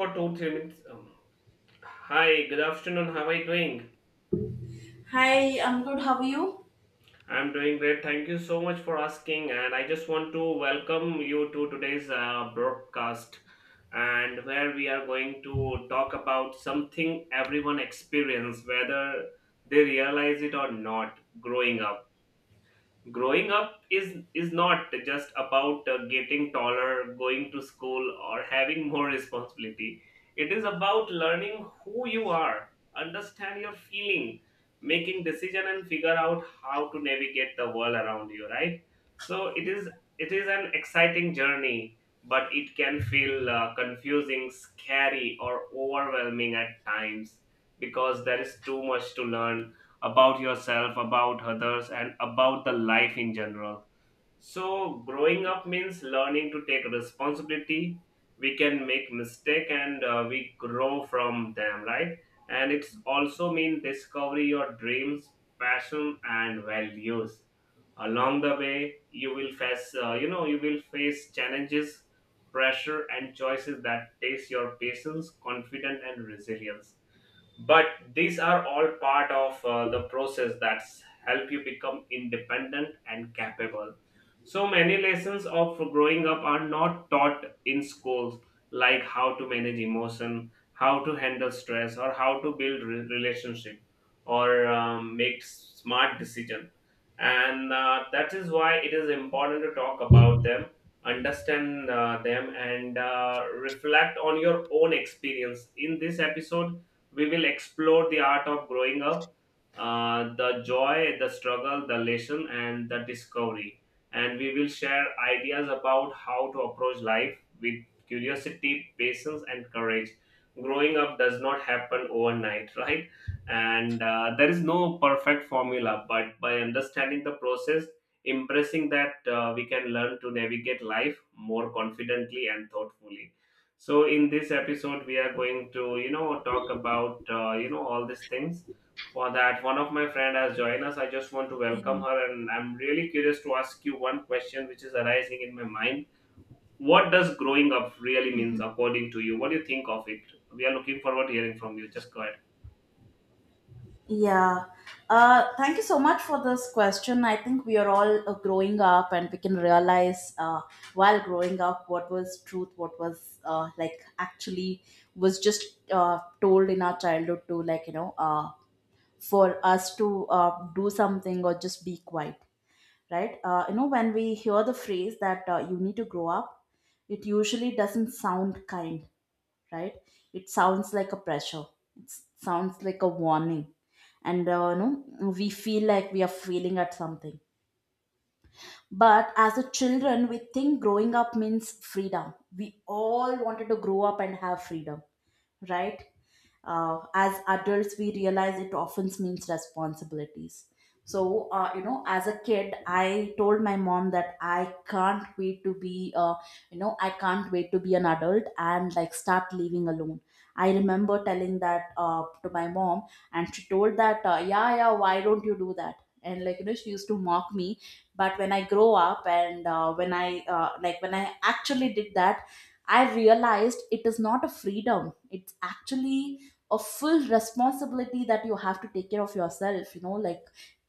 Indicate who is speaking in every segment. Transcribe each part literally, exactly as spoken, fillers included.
Speaker 1: For two, three minutes. Um, hi, good afternoon. How are you doing?
Speaker 2: Hi, I'm good. How are you?
Speaker 1: I'm doing great. Thank you so much for asking. And I just want to welcome you to today's uh, broadcast, and where we are going to talk about something everyone experience, whether they realize it or not, growing up. Growing up is is not just about uh, getting taller, going to school, or having more responsibility. It is about learning who you are, understand your feeling, making decision, and figure out how to navigate the world around you, right? So it is it is an exciting journey, but it can feel uh, confusing, scary, or overwhelming at times, because there is too much to learn about yourself, about others, and about the life in general. So, growing up means learning to take responsibility. We can make mistake and uh, we grow from them, right? And it's also mean discover your dreams, passion, and values. Along the way, you will face, uh, you know, you will face challenges, pressure, and choices that test your patience, confidence, and resilience. But these are all part of uh, the process that's help you become independent and capable. So many lessons of growing up are not taught in schools, like how to manage emotion, how to handle stress, or how to build re- relationship, or um, make smart decision. And uh, that is why it is important to talk about them, understand uh, them, and uh, reflect on your own experience. In this episode, we will explore the art of growing up, uh, the joy, the struggle, the lesson, and the discovery. And we will share ideas about how to approach life with curiosity, patience, and courage. Growing up does not happen overnight, right? And uh, there is no perfect formula, but by understanding the process, impressing that uh, we can learn to navigate life more confidently and thoughtfully. So in this episode, we are going to you know talk about uh, you know all these things. For that, one of my friend has joined us. I just want to welcome
Speaker 2: Mm.
Speaker 1: her, and I'm really curious to ask you one question, which is arising in my mind. What does growing up really means according to you? What do you think of it? We are looking forward to hearing from you. Just go ahead.
Speaker 2: Yeah. Uh, thank you so much for this question. I think we are all uh, growing up and we can realize uh, while growing up what was truth, what was uh, like actually was just uh, told in our childhood to like, you know, uh, for us to uh, do something or just be quiet, right? Uh, you know, when we hear the phrase that uh, you need to grow up, it usually doesn't sound kind, right. It sounds like a pressure, it sounds like a warning. And uh, no, we feel like we are feeling at something. But as a children we think growing up means freedom, we all wanted to grow up and have freedom, right. Uh, as adults we realize it often means responsibilities. So uh, you know, as a kid I told my mom that I can't wait to be uh, you know i can't wait to be an adult and like start living alone. I remember telling that uh, to my mom, and she told that uh, yeah, yeah, why don't you do that. And like you know she used to mock me. But when I grow up and uh, when I uh, like when I actually did that, I realized it is not a freedom. It's actually a full responsibility, that you have to take care of yourself, you know, like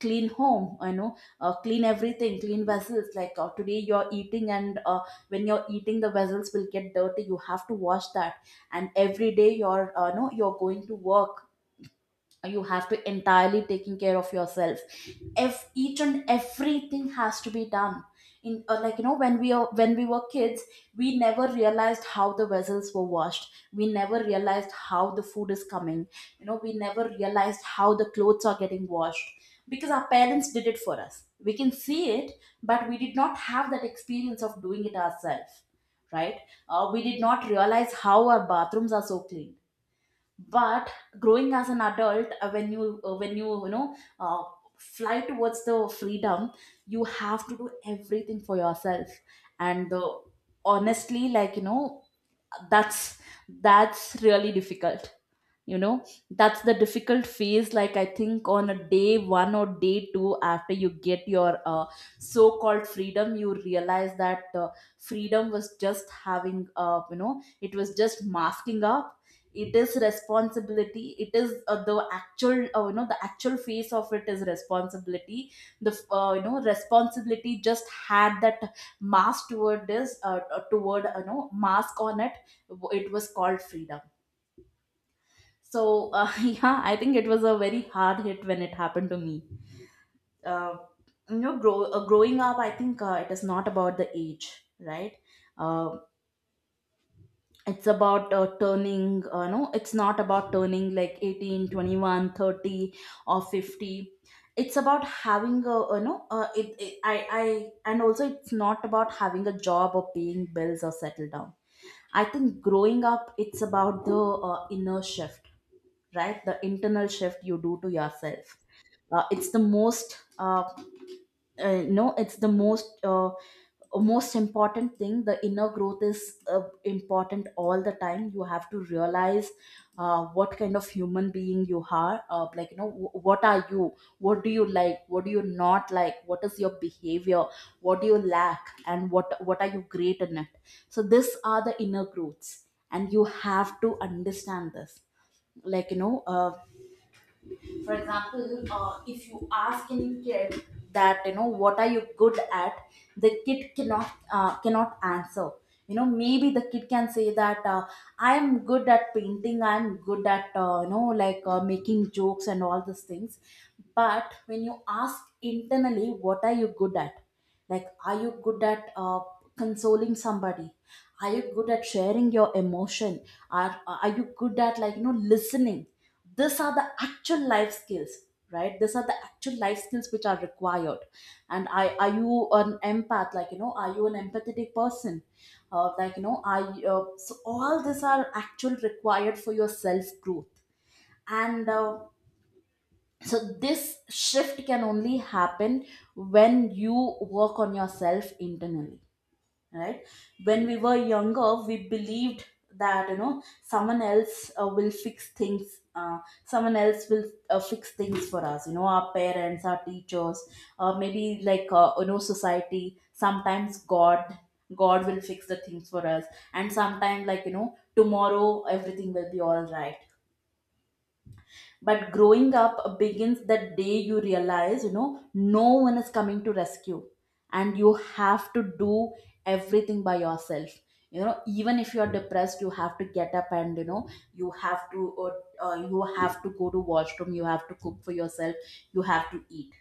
Speaker 2: clean home, you know, uh, clean everything, clean vessels, like uh, today you're eating and uh, when you're eating the vessels will get dirty, you have to wash that. And every day you're uh, no you're going to work, you have to entirely taking care of yourself. If each and everything has to be done in, uh, like you know, when we are when we were kids, we never realized how the vessels were washed, we never realized how the food is coming, you know, we never realized how the clothes are getting washed because our parents did it for us, we can see it, but we did not have that experience of doing it ourselves, right. Uh, we did not realize how our bathrooms are so clean. But growing as an adult, uh, when you uh, when you you know, uh, fly towards the freedom, you have to do everything for yourself. And uh, honestly, like you know, that's that's really difficult, you know. That's the difficult phase. Like I think on a day one or day two after you get your uh, so-called freedom, you realize that uh, freedom was just having, uh, you know, it was just masking up. It is responsibility, it is uh, the actual, uh, you know, the actual face of it is responsibility. The, uh, you know, responsibility just had that mask toward this, uh, uh, toward, you know, mask on it, it was called freedom. So uh, yeah, I think it was a very hard hit when it happened to me. Uh, you know, grow, uh, growing up, I think uh, it is not about the age, right? Uh, it's about, uh, turning, uh, no, it's not about turning like eighteen, twenty-one, thirty, or fifty. It's about having a, you know, uh, it, it, I, I, and also it's not about having a job or paying bills or settle down. I think growing up, it's about the uh, inner shift, right. The internal shift you do to yourself. Uh, it's the most uh, uh, no it's the most, uh, most important thing. The inner growth is uh, important all the time. You have to realize uh, what kind of human being you are, uh, like you know, wh- what are you, what do you like, what do you not like, what is your behavior, what do you lack, and what what are you great in it. So these are the inner growths and you have to understand this, like you know. Uh, for example, uh, if you ask any kid that, you know, what are you good at, the kid cannot uh, cannot answer. You know, maybe the kid can say that, uh, I am good at painting, I am good at, uh, you know, like uh, making jokes and all these things. But when you ask internally, what are you good at, like are you good at uh, consoling somebody, are you good at sharing your emotion, are are you good at, like you know, listening. These are the actual life skills, right. These are the actual life skills which are required. And I, are you an empath, like you know, are you an empathetic person. Uh, like you know I uh, So all these are actual required for your self growth. And uh, so this shift can only happen when you work on yourself internally, right. When we were younger we believed that, you know, someone else uh, will fix things, uh, someone else will uh, fix things for us, you know, our parents, our teachers, uh, maybe like uh, you know, society, sometimes God, God will fix the things for us. And sometimes, like you know, tomorrow everything will be all right. But growing up begins the day you realize, you know, no one is coming to rescue and you have to do everything by yourself. You know, even if you're depressed, you have to get up and, you know, you have to, uh, uh, you have to go to washroom, you have to cook for yourself, you have to eat.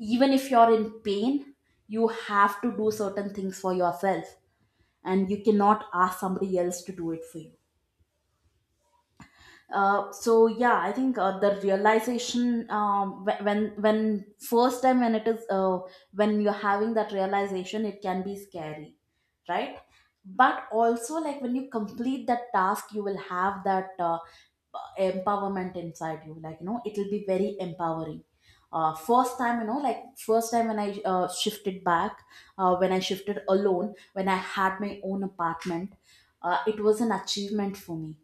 Speaker 2: Even if you're in pain, you have to do certain things for yourself, and you cannot ask somebody else to do it for you. Uh, so yeah, I think uh, the realization, um, wh- when when first time when it is, uh, when you're having that realization, it can be scary, right? But also like when you complete that task, you will have that uh, empowerment inside you. Like you know, it will be very empowering. Uh, first time, you know, like first time when I uh, shifted back, uh, when I shifted alone, when I had my own apartment, uh, it was an achievement for me.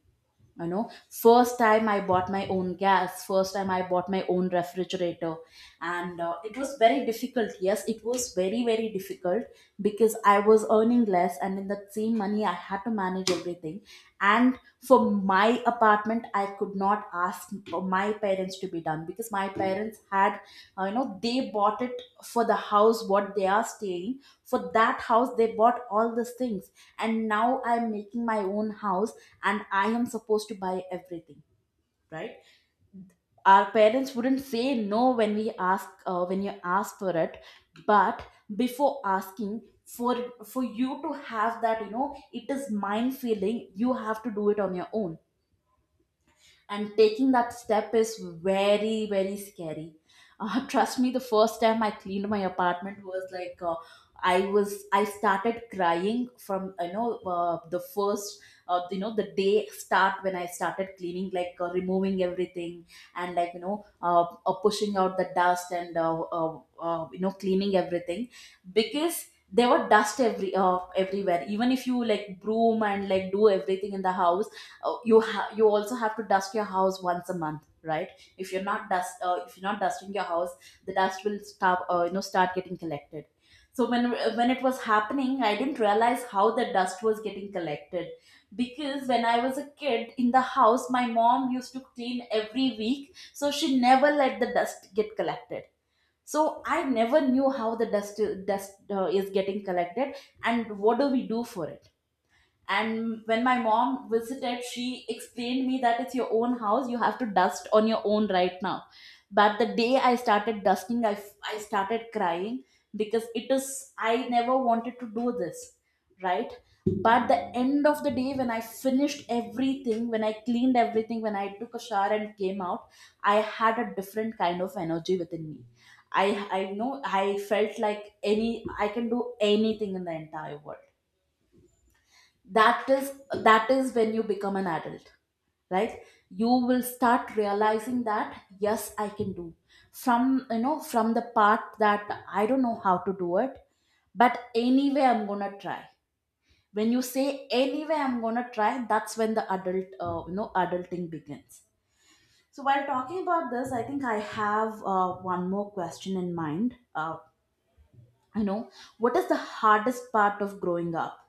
Speaker 2: You know, first time I bought my own gas, first time I bought my own refrigerator. And uh, it was very difficult, yes, it was very very difficult, because I was earning less and in that same money I had to manage everything. And for my apartment I could not ask for my parents to be done, because my parents had, uh, you know, they bought it for the house what they are staying, for that house they bought all these things, and now I'm making my own house, and I am supposed to buy everything, right? Our parents wouldn't say no when we ask, uh, when you ask for it, but before asking for for you to have that, you know, it is mind feeling. You have to do it on your own, and taking that step is very very scary. Uh, trust me, the first time I cleaned my apartment was like, uh, i was i started crying from, you know, uh, the first, uh, you know, the day start when I started cleaning, like uh, removing everything and like you know, uh, uh, pushing out the dust and uh, uh, uh, you know, cleaning everything, because there were dust every, uh, everywhere, even if you like broom and like do everything in the house. Oh, you ha- you also have to dust your house once a month, right. If you're not dust, uh, if you're not dusting your house, the dust will start, uh, you know, start getting collected. So when when it was happening I didn't realize how the dust was getting collected, because when I was a kid in the house my mom used to clean every week, so she never let the dust get collected. So I never knew how the dust dust uh, is getting collected and what do we do for it. And when my mom visited, she explained me that it's your own house, you have to dust on your own right now. But the day I started dusting, I, f- I started crying because it is, I never wanted to do this, right? But the end of the day, when I finished everything, when I cleaned everything, when I took a shower and came out, I had a different kind of energy within me. I, I know I felt like any, I can do anything in the entire world. That is that is when you become an adult, right? You will start realizing that yes, I can do. From you know from the part that I don't know how to do it, but anyway, I'm gonna try. When you say anyway, I'm gonna try, that's when the adult uh, you know adulting begins. So while talking about this, I think I have uh, one more question in mind. uh, you know what is the hardest part of growing up?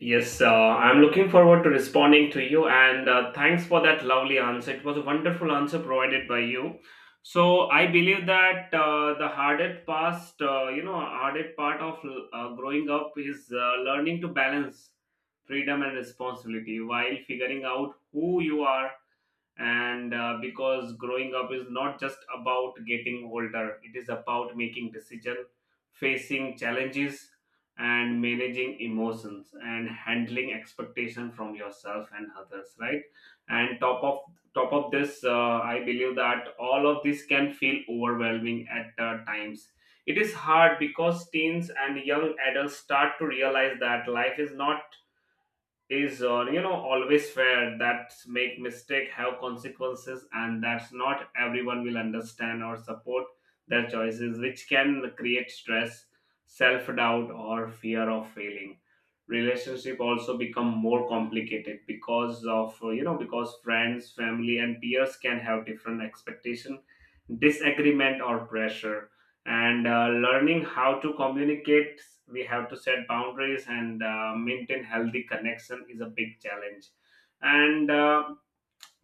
Speaker 1: Yes, uh, I'm looking forward to responding to you, and uh, thanks for that lovely answer. It was a wonderful answer provided by you. So I believe that uh, the hardest past, uh, you know, hardest part of uh, growing up is uh, learning to balance freedom and responsibility while figuring out who you are. And uh, because growing up is not just about getting older, it is about making decision, facing challenges, and managing emotions, and handling expectation from yourself and others, right? And top of top of this, uh, I believe that all of this can feel overwhelming at uh, times. It is hard because teens and young adults start to realize that life is not is uh, you know always fair, that make mistake have consequences, and that's not everyone will understand or support their choices, which can create stress, self-doubt, or fear of failing. Relationship also become more complicated because of uh, you know because friends, family, and peers can have different expectation, disagreement, or pressure. And uh, learning how to communicate, we have to set boundaries and uh, maintain healthy connection is a big challenge. And uh,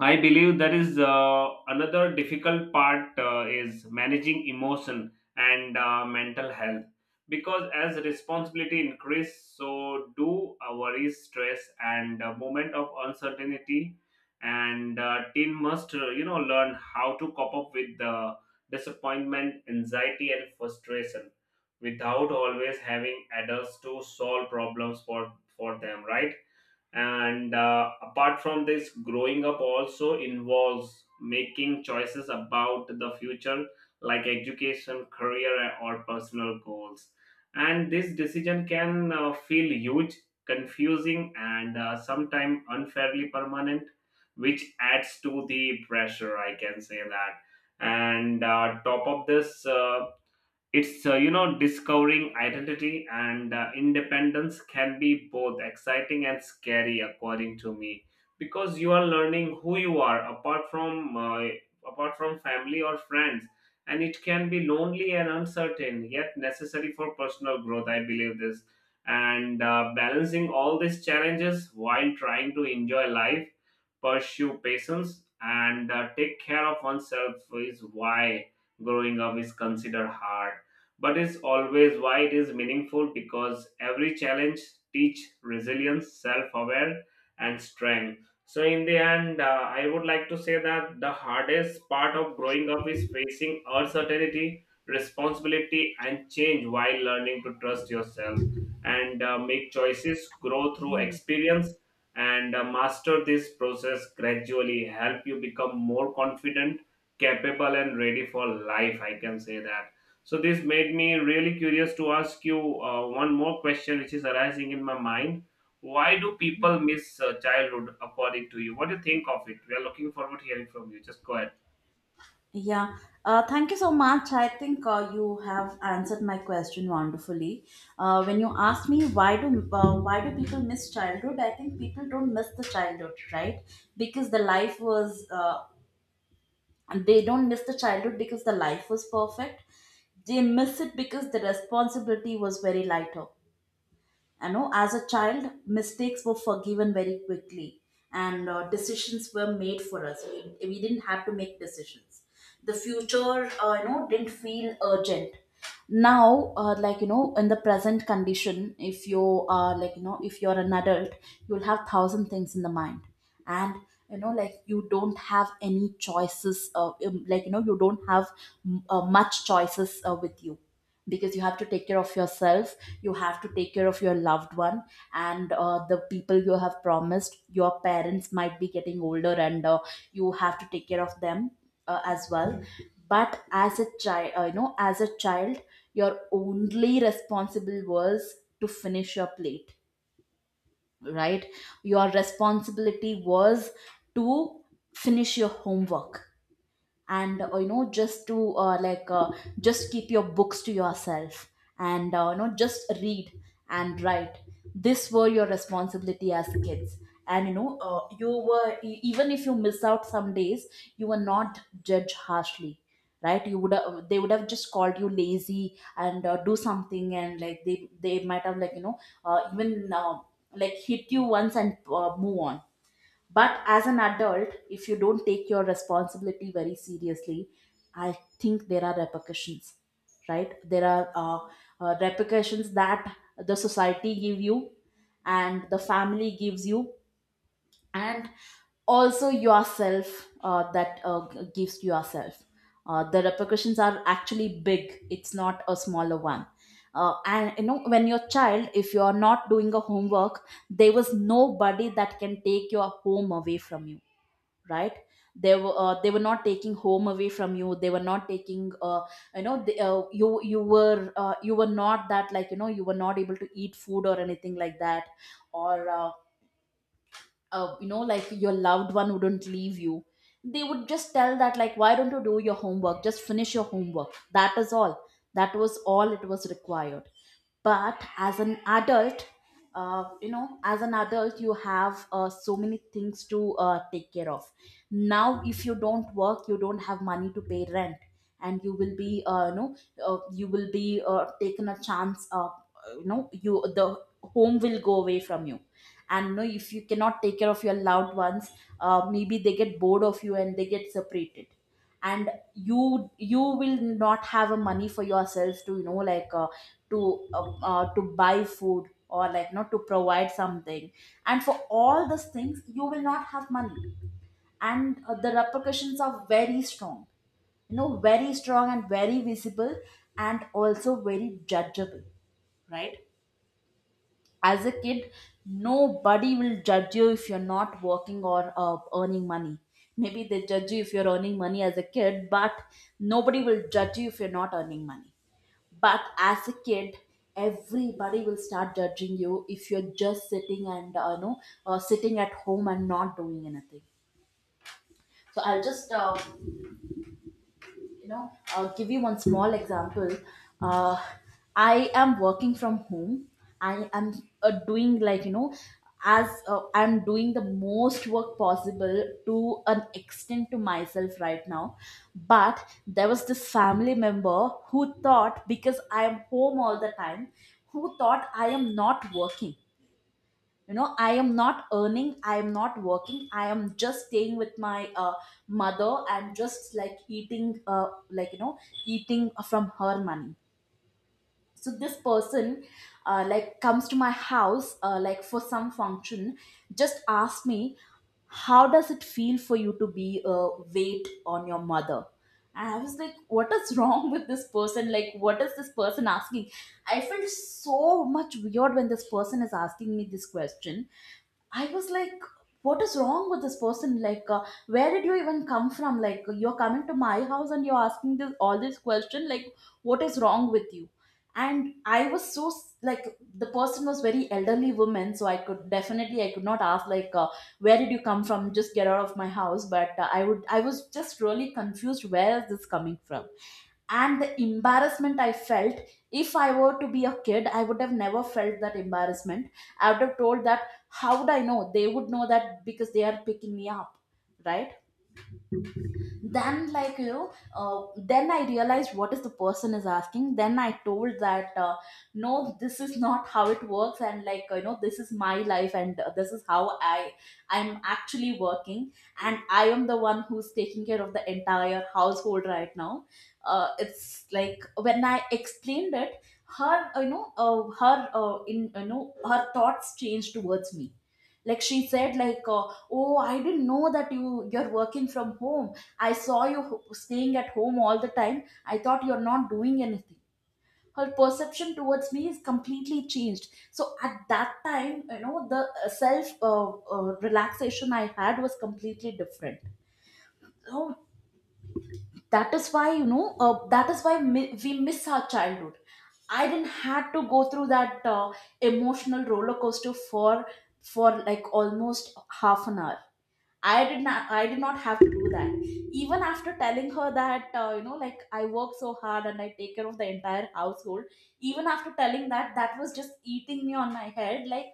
Speaker 1: I believe there is uh, another difficult part, uh, is managing emotion and uh, mental health, because as responsibility increase, so do uh, worries, stress, and uh, moment of uncertainty, and uh, teen must uh, you know learn how to cope up with the disappointment, anxiety, and frustration without always having adults to solve problems for for them, right? And uh, apart from this, growing up also involves making choices about the future, like education, career, or personal goals. And this decision can uh, feel huge, confusing, and uh, sometimes unfairly permanent, which adds to the pressure, I can say that. And uh, top of this uh, it's uh, you know discovering identity and uh, independence can be both exciting and scary according to me, because you are learning who you are apart from uh, apart from family or friends, and it can be lonely and uncertain yet necessary for personal growth, I believe this. And uh, balancing all these challenges while trying to enjoy life, pursue patience, and uh, take care of oneself is why growing up is considered hard. But it's always why it is meaningful, because every challenge teach resilience, self-aware, and strength. So in the end, uh, I would like to say that the hardest part of growing up is facing uncertainty, responsibility, and change while learning to trust yourself and uh, make choices, grow through experience, and uh, master this process gradually help you become more confident, capable, and ready for life, I can say that. So this made me really curious to ask you uh, one more question, which is arising in my mind. Why do people miss uh, childhood, according to you? What do you think of it? We are looking forward to hearing from you. Just go ahead.
Speaker 2: Yeah, uh, thank you so much. I think uh, you have answered my question wonderfully. Uh, when you asked me why do uh, why do people miss childhood, I think people don't miss the childhood, right? Because the life was uh, They don't miss the childhood because the life was perfect. They miss it because the responsibility was very lighter. You know as a child, mistakes were forgiven very quickly, and uh, decisions were made for us. We, we didn't have to make decisions. The future uh, you know didn't feel urgent. Now, uh, like, you know in the present condition, if you are like you know if you're an adult, you'll have thousand things in the mind. And you know like, you don't have any choices. Uh, um, like, you know you don't have mm, uh, much choices uh, with you, because you have to take care of yourself, you have to take care of your loved one. And uh, the people you have promised, your parents might be getting older, and uh, you have to take care of them uh, as well. But as a child, uh, you know as a child your only responsible was to finish your plate, right? Your responsibility was to finish your homework, and uh, you know just to uh, like uh, just keep your books to yourself, and uh, you know just read and write. This were your responsibility as kids. And you know uh, you were e- even if you miss out some days, you were not judged harshly, right? you would have, they would have just called you lazy and uh, do something, and, like, they they might have, like, you know uh, even uh, like, hit you once and uh, move on. But as an adult, if you don't take your responsibility very seriously, I think there are repercussions, right? There are uh, uh, repercussions that the society give you, and the family gives you, and also yourself uh, that uh, g- gives yourself. Uh, the repercussions are actually big. It's not a smaller one. Uh, and you know, when you're child, if you're not doing a homework, there was nobody that can take your home away from you, right? They were uh, they were not taking home away from you. They were not taking uh, you know they, uh, you you were uh, you were not that, like, you know you were not able to eat food or anything like that, or uh, uh, you know like, your loved one wouldn't leave you. They would just tell that, like, why don't you do your homework, just finish your homework, that is all. That was all it was required. But as an adult uh, you know as an adult, you have uh, so many things to uh, take care of. Now, if you don't work, you don't have money to pay rent, and you will be uh, you know uh, you will be uh, taken a chance. uh, you know you the home will go away from you. And you know if you cannot take care of your loved ones, uh, maybe they get bored of you and they get separated. And you you will not have a money for yourself to you know like uh, to uh, uh, to buy food, or, like, not to provide something. And for all these things you will not have money. And uh, the repercussions are very strong, you know very strong and very visible, and also very judgeable, right? As a kid, nobody will judge you if you're not working or uh, earning money. Maybe they judge you if you're earning money as a kid, but nobody will judge you if you're not earning money. But as a kid, everybody will start judging you if you're just sitting and uh, you know uh, sitting at home and not doing anything. So I'll just uh, you know uh, give you one small example. uh, I am working from home. I am uh, doing, like, you know as, uh, I'm doing the most work possible to an extent to myself right now. But there was this family member who thought because I am home all the time, who thought I am not working. you know I am not earning, I am not working, I am just staying with my uh, mother and just, like, eating uh, like you know eating from her money. So this person uh, like, comes to my house uh, like, for some function, just ask me, how does it feel for you to be a weight on your mother? And I was like, what is wrong with this person? Like, what is this person asking? I felt so much weird when this person is asking me this question. I was like, what is wrong with this person? Like, uh, where did you even come from? Like, you're coming to my house and you're asking this all this question. Like, what is wrong with you? And I was so s- like, the person was very elderly woman, so I could definitely I could not ask, like, uh, where did you come from? Just get out of my house. But uh, I would I was just really confused. Where is this coming from? And the embarrassment I felt, if I were to be a kid, I would have never felt that embarrassment. I would have told that, how would I know? They would know that because they are picking me up, right? Then, like, you know uh, then I realized what is the person is asking, then I told that, uh, no, this is not how it works, and, like, you know this is my life, and uh, this is how i i'm actually working, and I am the one who's taking care of the entire household right now. Uh, it's like when I explained it her, you know uh, her uh, in you know her thoughts changed towards me. Like, she said, like, uh, oh, I didn't know that you you're working from home. I saw you ho- staying at home all the time. I thought you're not doing anything. Her perception towards me is completely changed. So at that time, you know, the uh, self uh, uh, relaxation I had was completely different. So that is why, you know, uh, that is why mi- we miss our childhood. I didn't had to go through that uh, emotional roller coaster for for like, almost half an hour. I did not I did not have to do that. Even after telling her that, uh, you know like, I work so hard and I take care of the entire household, even after telling that, that was just eating me on my head, like,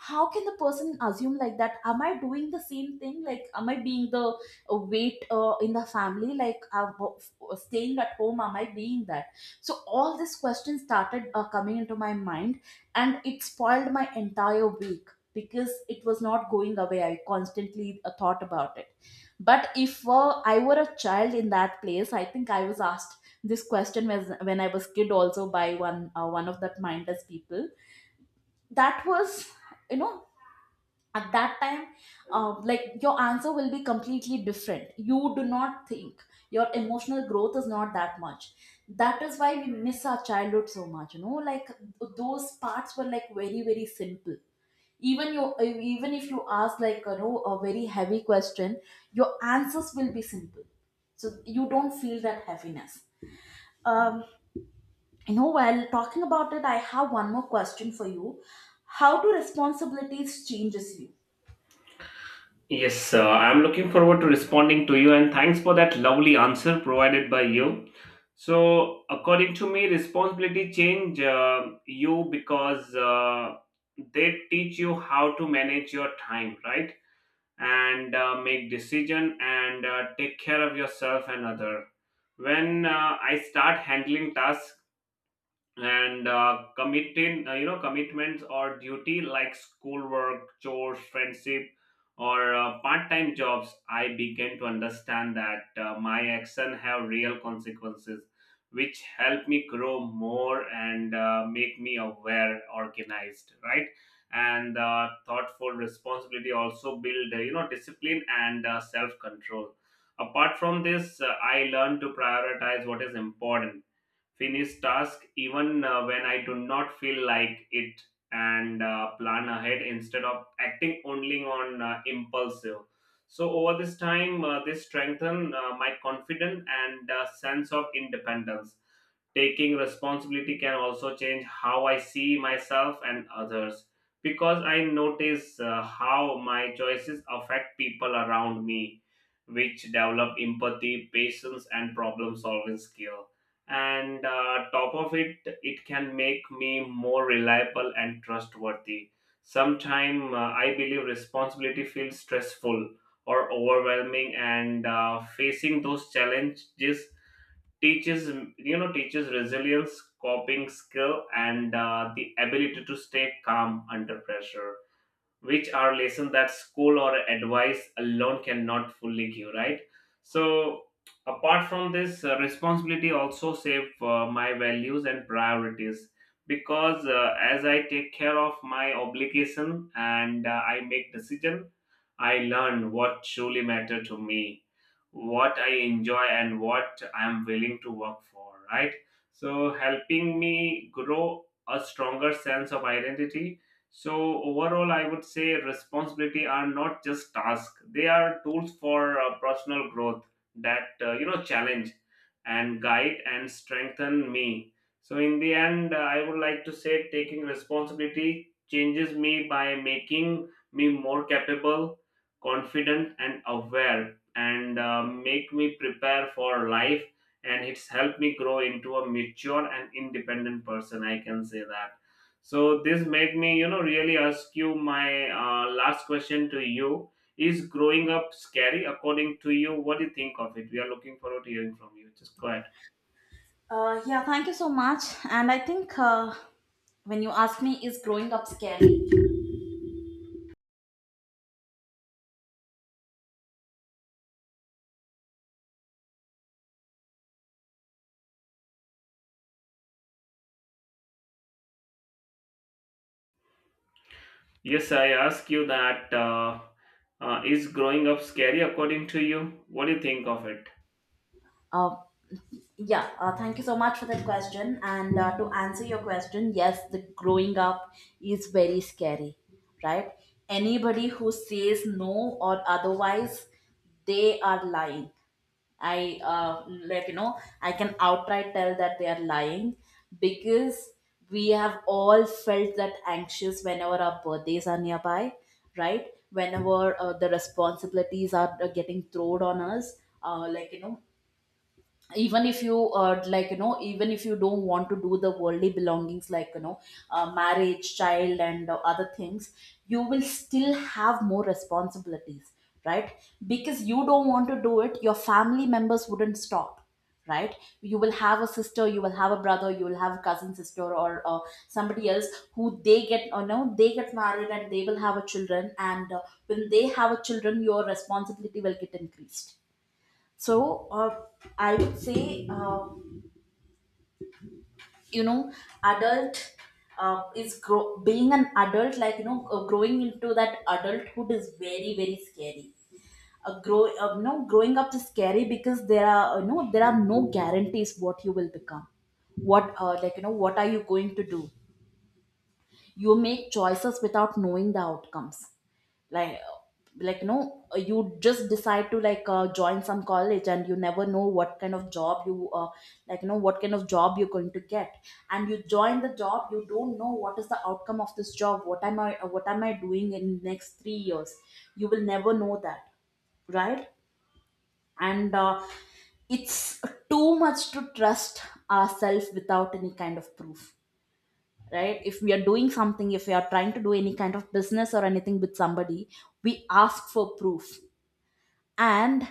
Speaker 2: how can the person assume, like, that am I doing the same thing, like, am I being the uh, weight uh, in the family, like, uh, w- staying at home, am I being that? So all these questions started uh, coming into my mind, and it spoiled my entire week because it was not going away. I constantly uh, thought about it. But if uh, I were a child in that place, I think I was asked — this question was when I was kid also — by one uh, one of that mindless people. That was, you know at that time, uh, like, your answer will be completely different. You do not think, your emotional growth is not that much. That is why we miss our childhood so much. you know like, those parts were, like, very, very simple. even you even if you ask, like, you know a very heavy question, your answers will be simple, so you don't feel that heaviness. um, you know while talking about it, I have one more question for you: how do responsibilities changes you?
Speaker 1: Yes, uh, I'm looking forward to responding to you, and thanks for that lovely answer provided by you. So, according to me, responsibility change uh, you because uh, they teach you how to manage your time, right? And uh, make decision and uh, take care of yourself and other. When uh, I start handling tasks and uh, committing, uh, you know commitments or duty like schoolwork, chores, friendship, or uh, part-time jobs, I began to understand that uh, my action have real consequences, which help me grow more and uh, make me aware, organized, right? And uh, thoughtful responsibility also build uh, you know discipline and uh, self-control. Apart from this, uh, I learned to prioritize what is important, finish task even uh, when I do not feel like it, and uh, plan ahead instead of acting only on uh, impulsive. So over this time, uh, this strengthen uh, my confidence and uh, sense of independence. Taking responsibility can also change how I see myself and others, because I notice uh, how my choices affect people around me, which develop empathy, patience, and problem solving skill. And uh, top of it, it can make me more reliable and trustworthy. Sometime uh, I believe responsibility feels stressful or overwhelming, and uh, facing those challenges teaches, you know teaches resilience, coping skill, and uh, the ability to stay calm under pressure, which are lessons that school or advice alone cannot fully give, right? So apart from this, uh, responsibility also save uh, my values and priorities, because uh, as I take care of my obligation and uh, I make decision, I learn what truly matter to me, what I enjoy and what I'm willing to work for, right? So, helping me grow a stronger sense of identity. So, overall, I would say responsibility are not just tasks, they are tools for uh, personal growth that, uh, you know, challenge and guide and strengthen me. So, in the end, uh, I would like to say taking responsibility changes me by making me more capable, confident, and aware, and uh, make me prepare for life, and it's helped me grow into a mature and independent person, I can say that. So this made me, you know really ask you my uh, last question to you: is growing up scary according to you? What do you think of it? We are looking forward to hearing from you. Just go ahead.
Speaker 2: Uh, yeah, thank you so much. And I think, uh, when you ask me, is growing up scary?
Speaker 1: Yes, I ask you that, uh, uh, is growing up scary according to you? What do you think of it?
Speaker 2: Uh, yeah, uh, thank you so much for that question. And uh, to answer your question, yes, the growing up is very scary, right? Anybody who says no or otherwise, they are lying. I uh, like you know I can outright tell that they are lying, because we have all felt that anxious whenever our birthdays are nearby, right? Whenever uh, the responsibilities are uh, getting thrown on us, uh, like you know even if you uh, like you know even if you don't want to do the worldly belongings, like you know uh, marriage, child, and uh, other things, you will still have more responsibilities, right? Because you don't want to do it, your family members wouldn't stop, right? You will have a sister, you will have a brother, you will have a cousin sister, or uh, somebody else, who they get, or no, they get married and they will have a children, and uh, when they have a children your responsibility will get increased. So uh, I would say, uh, you know, adult uh, is grow- Being an adult, like you know, uh, growing into that adulthood is very very scary. Uh, grow, uh, you know, growing up is scary because there are, you know there are no guarantees what you will become, what, uh, like you know what are you going to do. You make choices without knowing the outcomes. like like you know, you just decide to like uh, join some college and you never know what kind of job you, uh, like you know what kind of job you're going to get. And you join the job, you don't know what is the outcome of this job. What am i what am I doing in next three years? You will never know that, right? and uh, It's too much to trust ourselves without any kind of proof, right? If we are doing something, if we are trying to do any kind of business or anything with somebody, we ask for proof. And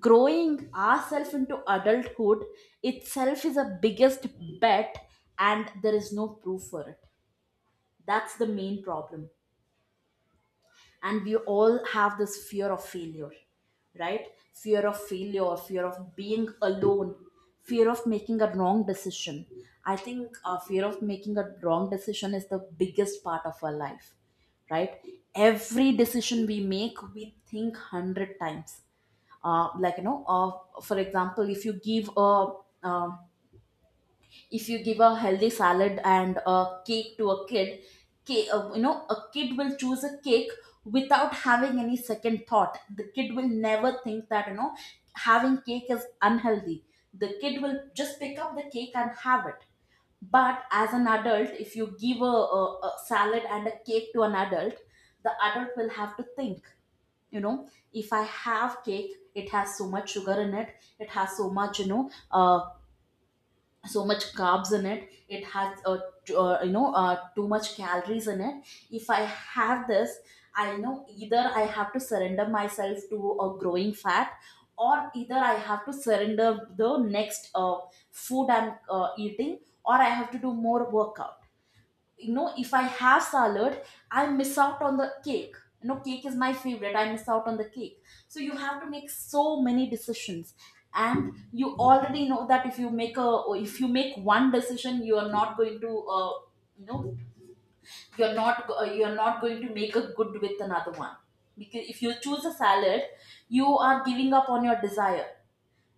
Speaker 2: growing ourselves into adulthood itself is a biggest bet, and there is no proof for it. That's the main problem. And we all have this fear of failure, right? Fear of failure, fear of being alone, fear of making a wrong decision. I think uh, fear of making a wrong decision is the biggest part of our life, right? Every decision we make, we think one hundred times. Uh, like you know uh, for example, if you give a, um if you give a healthy salad and a cake to a kid, ki- uh, you know a kid will choose a cake without having any second thought. The kid will never think that, you know having cake is unhealthy. The kid will just pick up the cake and have it. But as an adult, if you give a, a, a salad and a cake to an adult, the adult will have to think, you know, if I have cake, it has so much sugar in it, it has so much, you know uh, so much carbs in it, it has, uh, t- uh, you know uh, too much calories in it. If I have this, I know either I have to surrender myself to a growing fat, or either I have to surrender the next uh, food I'm uh, eating, or I have to do more workout. You know, if I have salad, I miss out on the cake. You know, cake is my favorite, I miss out on the cake. So you have to make so many decisions. And you already know that if you make a or if you make one decision, you are not going to, uh, you know you're not go- uh, you're not going to make a good with another one. Because if you choose a salad, you are giving up on your desire,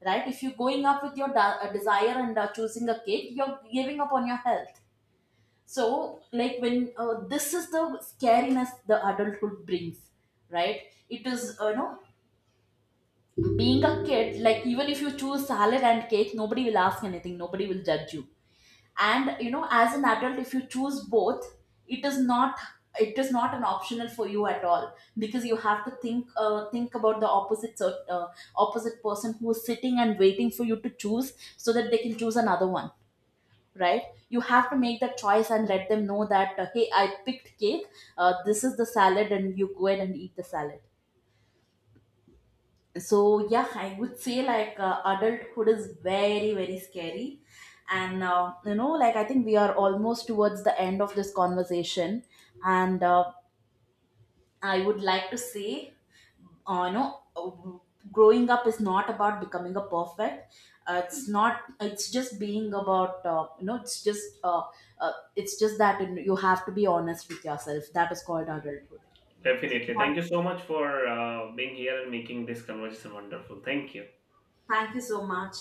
Speaker 2: right? If you're going up with your da- uh, desire and uh, choosing a cake, you're giving up on your health. So like when uh, this is the scariness the adulthood brings, right? It is, uh, you know being a kid, like even if you choose salad and cake, nobody will ask anything, nobody will judge you. And you know, as an adult, if you choose both, it is not it is not an optional for you at all, because you have to think uh, think about the opposite cert- uh, opposite person who is sitting and waiting for you to choose so that they can choose another one, right? You have to make that choice and let them know that, uh, hey, I picked cake, uh, this is the salad and you go ahead and eat the salad. So yeah, I would say like uh, adulthood is very very scary. And uh, you know like I think we are almost towards the end of this conversation. And uh, I would like to say, uh, you know uh, growing up is not about becoming a perfect. Uh, it's not It's just being about, uh, you know it's just uh, uh, it's just that, you know, you have to be honest with yourself. That is called adulthood. So, yeah,
Speaker 1: Definitely, thank you so much for uh, being here and making this conversation wonderful. Thank you.
Speaker 2: thank you so much